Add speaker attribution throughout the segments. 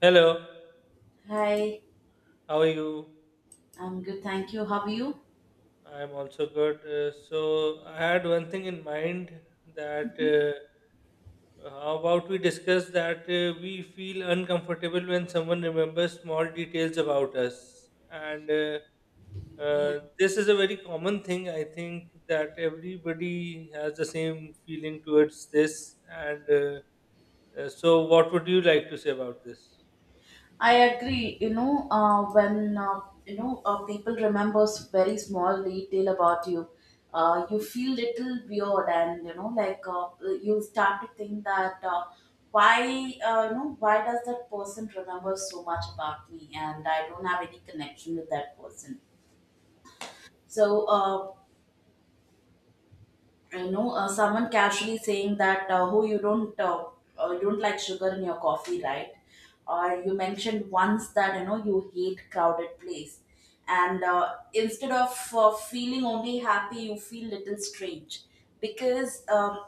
Speaker 1: Hello,
Speaker 2: Hi,
Speaker 1: how are you?
Speaker 2: I'm good. Thank you. How are you?
Speaker 1: I'm also good. So I had one thing in mind that how about we discuss that we feel uncomfortable when someone remembers small details about us, and uh,
Speaker 2: Yeah,
Speaker 1: uh, this is a very common thing. I think that everybody has the same feeling towards this, and so what would you like to say about this?
Speaker 2: I agree. When people remembers very small detail about you, you feel little weird, and you start to think that why why does that person remember so much about me, and I don't have any connection with that person. So someone casually saying that oh, you don't like sugar in your coffee, right? Or you mentioned once that you hate crowded place, and instead of feeling only happy you feel little strange because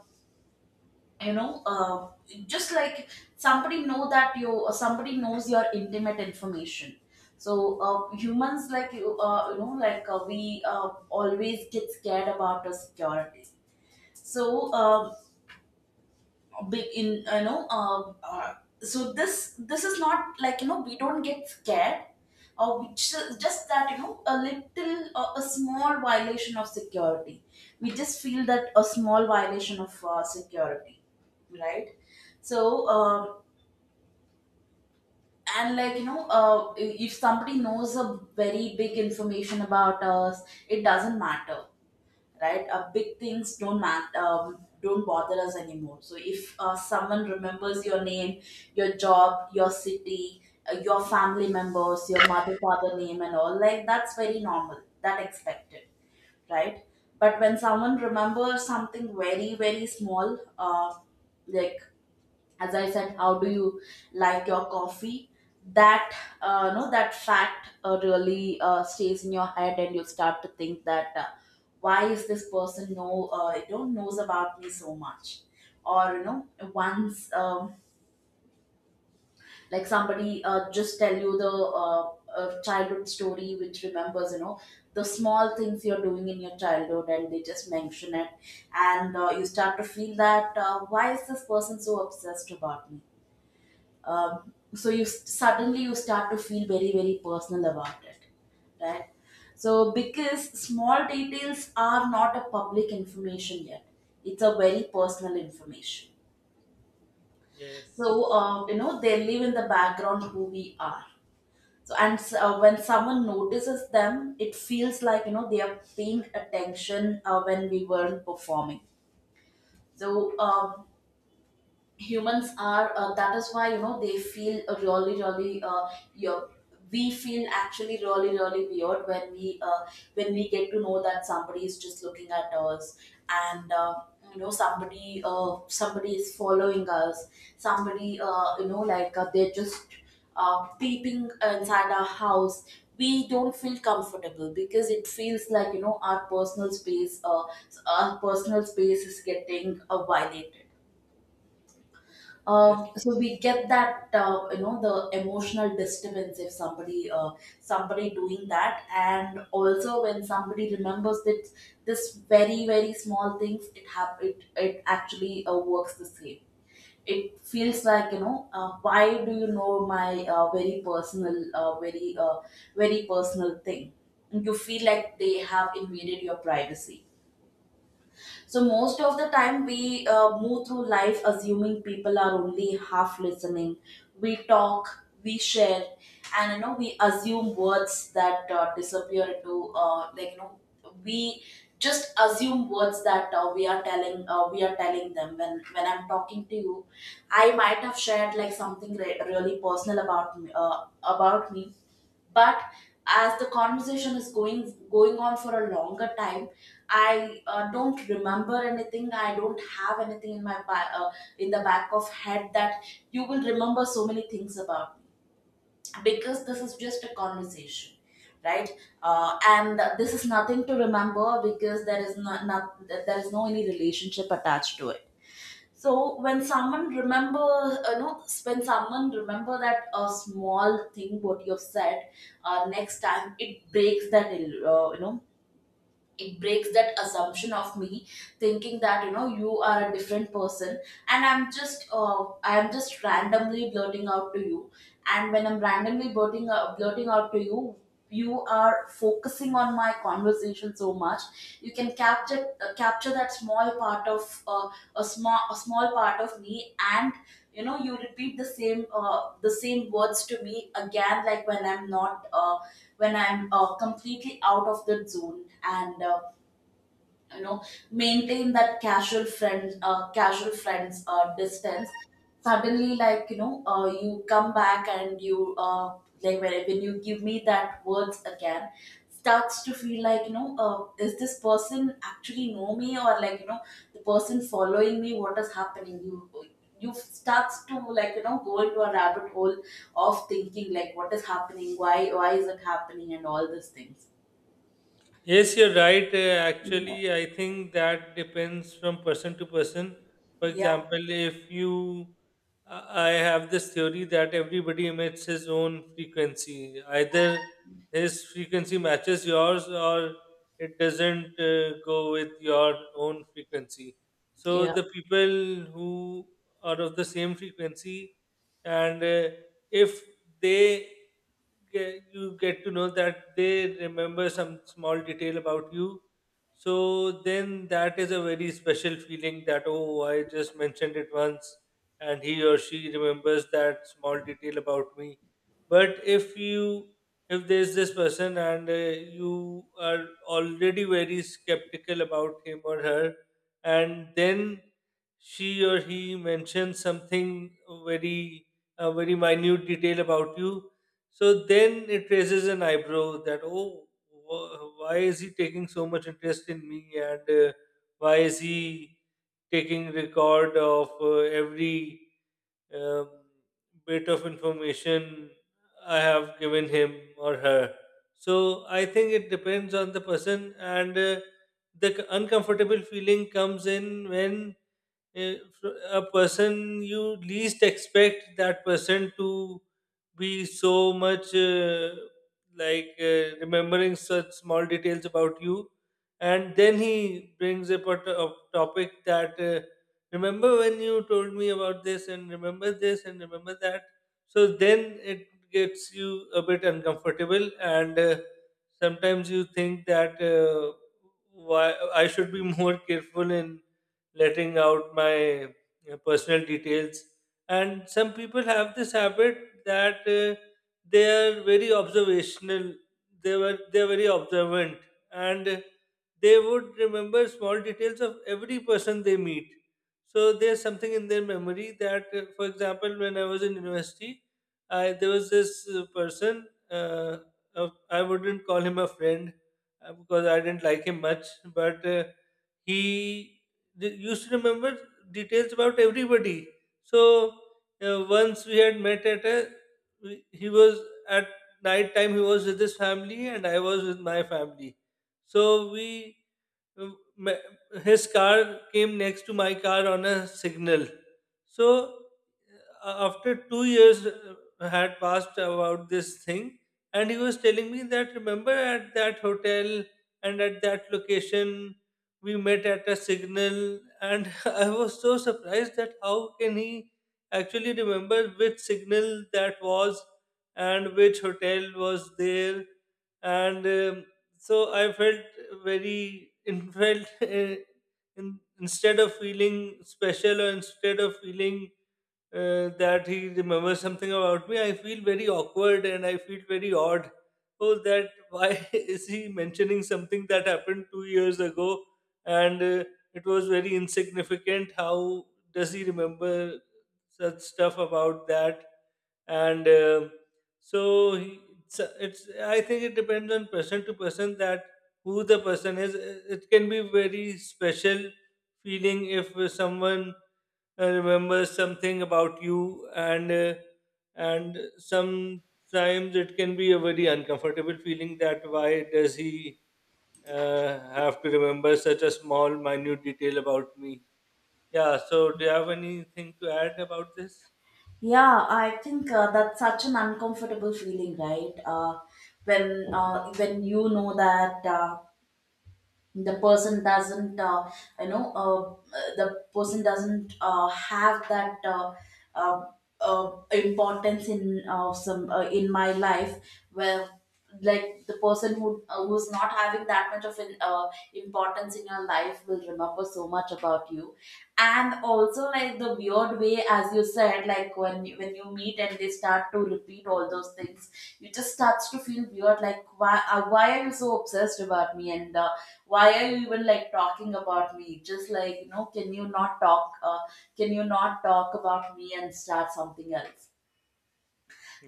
Speaker 2: you know uh, just like somebody know that you somebody knows your intimate information. So humans, like you you know like we always get scared about the security. So uh, big in you know uh, so this is not like we don't get scared, or we just, that a little a small violation of security. We just feel that a small violation of security, right? So and like if somebody knows a very big information about us, it doesn't matter, right? Big things don't bother us anymore. So if someone remembers your name, your job, your city, your family members, your mother father name, and all, like that's very normal. That expected, right? But when someone remembers something very very small, like as I said, how do you like your coffee, that no, that fact really stays in your head, and you start to think that why is this person know knows about me so much. Or once, like somebody just tell you the childhood story, which remembers the small things you're doing in your childhood, and they just mention it. And you start to feel that why is this person so obsessed about me. So you suddenly you start to feel very very personal about it, right? So because small details are not a public information yet, it's a very personal information. So
Speaker 1: Yes,
Speaker 2: you know they live in the background who we are. So when someone notices them, it feels like they are paying attention when we weren't performing. So humans are that is why they feel really really your we feel actually really really weird when we get to know that somebody is just looking at us, and somebody somebody is following us, somebody they're just peeping inside our house. We don't feel comfortable because it feels like our personal space our personal space is getting violated.
Speaker 1: yes,
Speaker 2: Uh, so we get that the emotional disturbance if somebody somebody doing that, and also when somebody remembers that this very very small things, it it actually works the same. It feels like why do you know my very personal very personal thing. You feel like they have invaded your privacy. So most of the time we move through life assuming people are only half listening. We talk, we share, and we assume words that disappear into like you know we just assume words that we are telling them when I'm talking to you. I might have shared like something really personal about me, but as the conversation is going on for a longer time, I don't remember anything. I don't have anything in my in the back of head that you will remember so many things about me because this is just a conversation, right? And this is nothing to remember because there is no any relationship attached to it. So when someone remember, when someone remember that a small thing what you've said, next time it breaks that, uh, you know, it breaks that assumption of me, thinking that you are a different person, and I'm just randomly blurting out to you. And when I'm randomly blurting out, to you, you are focusing on my conversation so much. You can capture capture that small part of a small part of me, and you repeat the same words to me again, like when I'm not when I'm completely out of the zone, and you know maintain that casual friends distance. Suddenly, like you come back and you like when, you give me that words again, starts to feel like is this person actually know me, or like the person following me. What is happening? You starts to, like, go into a rabbit hole of thinking like what is happening, why is it happening, and all these things.
Speaker 1: yes, you're right. Actually, I think that depends from person to person. For
Speaker 2: Yeah.
Speaker 1: example, if you, I have this theory that everybody emits his own frequency. Either his frequency matches yours or it doesn't go with your own frequency. So
Speaker 2: Yeah.
Speaker 1: the people who are of the same frequency, and if they get, you get to know that they remember some small detail about you. So then that is a very special feeling that, oh, I just mentioned it once and he or she remembers that small detail about me. But if you, if there's this person and you are already very skeptical about him or her, and then she or he mentions something very, a very minute detail about you, so then it raises an eyebrow that, oh, why is he taking so much interest in me and why is he taking record of every um, bit of information I have given him or her? So I think it depends on the person, and uncomfortable feeling comes in when if a person you least expect that person to be so much remembering such small details about you, and then he brings up a topic that remember when you told me about this and remember that, so then it gets you a bit uncomfortable and sometimes you think that why I should be more careful in letting out my personal details. And some people have this habit that they are very observational. They are very observant, and they would remember small details of every person they meet. So there's something in their memory that, for example, when I was in university, I there was this person. I wouldn't call him a friend because I didn't like him much, but. He used to remember details about everybody. So once we had met at a, he was at night time he was with his family and I was with my family. So we uh, his car came next to my car on a signal. So after 2 years had passed about this thing, and he was telling me that remember at that hotel and at that location we met at a signal, and I was so surprised that how can he actually remember which signal that was and which hotel was there and so I felt instead of feeling special or instead of feeling that he remembers something about me, I feel very awkward and I feel very odd. Oh, that why is he mentioning something that happened 2 years ago, and it was very insignificant, how does he remember such stuff about that? And so he- it's I think it depends on person to person that who the person is. It can be very special feeling if someone remembers something about you, and sometimes it can be a very uncomfortable feeling that why does he have to remember such a small minute detail about me. Yeah, so do you have anything to add about this?
Speaker 2: Yeah, I think that's such an uncomfortable feeling, right? uh, when you know that the person doesn't the person doesn't have that uh, importance in some in my life, where like the person who who's not having that much of an importance in your life will remember so much about you. And also, like the weird way as you said, like when you meet and they start to repeat all those things, you just starts to feel weird, like why are you so obsessed about me, and why are you even, like, talking about me, just like can you not talk can you not talk about me and start something else.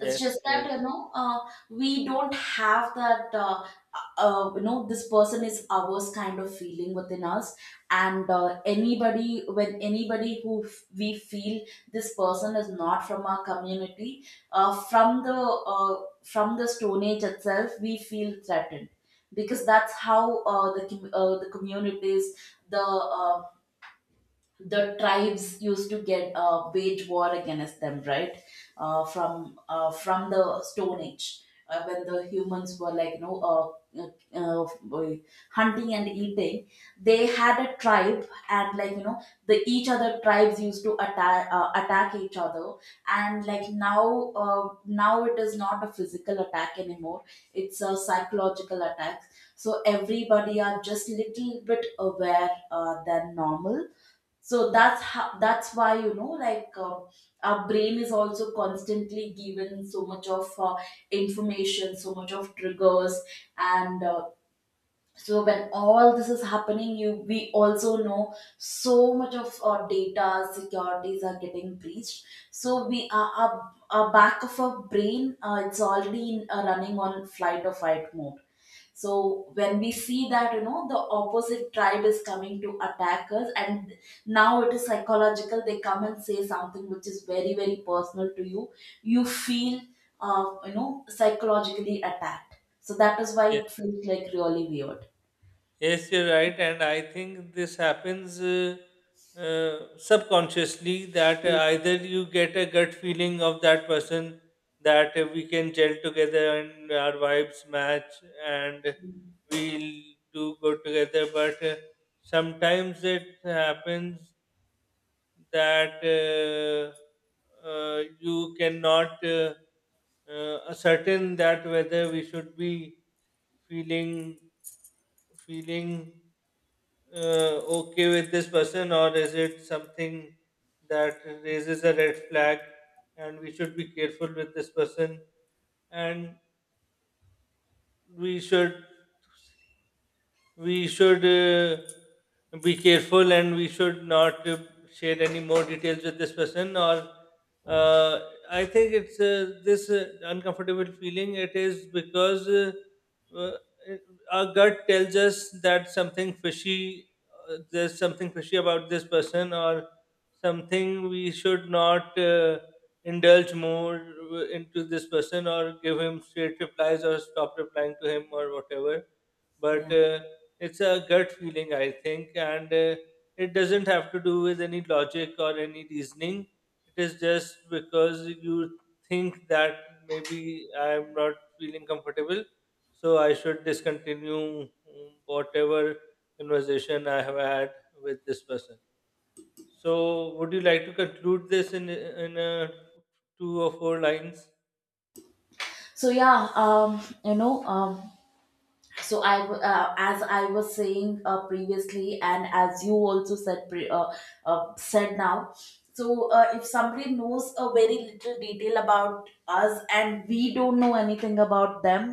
Speaker 2: It's just that we don't have that this person is ours kind of feeling within us, and anybody when anybody who we feel this person is not from our community, from the Stone Age itself, we feel threatened because that's how the communities, the uh, the tribes used to get wage war against them, right? uh, from the Stone Age, when the humans were, like uh, uh, uh, hunting and eating, they had a tribe, and, like the each other tribes used to attack attack each other, and like now, now it is not a physical attack anymore; it's a psychological attack. So everybody are just little bit aware than normal. So that's how, that's why our brain is also constantly given so much of information, so much of triggers, and so when all this is happening, you we also know so much of our data securities are getting breached. So we are our back of our brain it's already in, running on flight or fight mode. So when we see that the opposite tribe is coming to attack us, and now it is psychological, they come and say something which is very very personal to you, you feel psychologically attacked. So that is why
Speaker 1: yeah.
Speaker 2: it feels like really weird.
Speaker 1: Yes, you're right, and I think this happens subconsciously that
Speaker 2: Mm.
Speaker 1: either you get a gut feeling of that person, that we can gel together and our vibes match and we'll do good together, but sometimes it happens that you cannot ascertain that whether we should be feeling feeling okay with this person, or is it something that raises a red flag and we should be careful with this person, and we should we should be careful and we should not share any more details with this person. Or uh, I think it's this uncomfortable feeling, it is because uh, our gut tells us that something fishy, there's something fishy about this person, or something we should not indulge more into this person or give him straight replies or stop replying to him or whatever. But
Speaker 2: Yeah.
Speaker 1: it's a gut feeling I think, and it doesn't have to do with any logic or any reasoning. It is just because you think that maybe I'm not feeling comfortable, so I should discontinue, mm, whatever conversation I have had with this person. So would you like to conclude this in two or four lines?
Speaker 2: So, yeah, so I as I was saying previously, and as you also said said now. So if somebody knows a very little detail about us, and we don't know anything about them,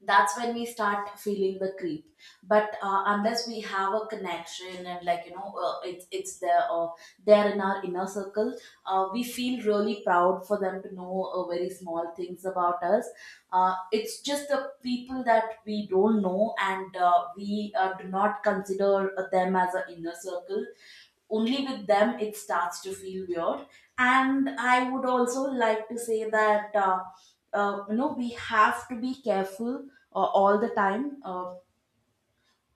Speaker 2: that's when we start feeling the creep. But unless we have a connection and, like it's there there in our inner circle, we feel really proud for them to know very small things about us. Uh, it's just the people that we don't know, and we do not consider them as an inner circle. Only with them it starts to feel weird. And I would also like to say that you know, we have to be careful all the time. Uh,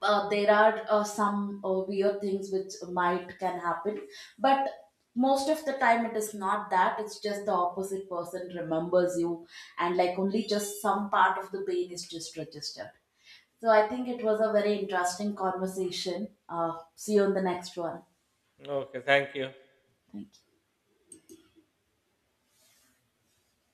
Speaker 2: there are some weird things which might can happen, but most of the time it is not that; it's just the opposite person remembers you, and, like, only just some part of the pain is just registered. So I think it was a very interesting conversation. Uh, see you on the next one.
Speaker 1: Okay, thank you.
Speaker 2: Thank you.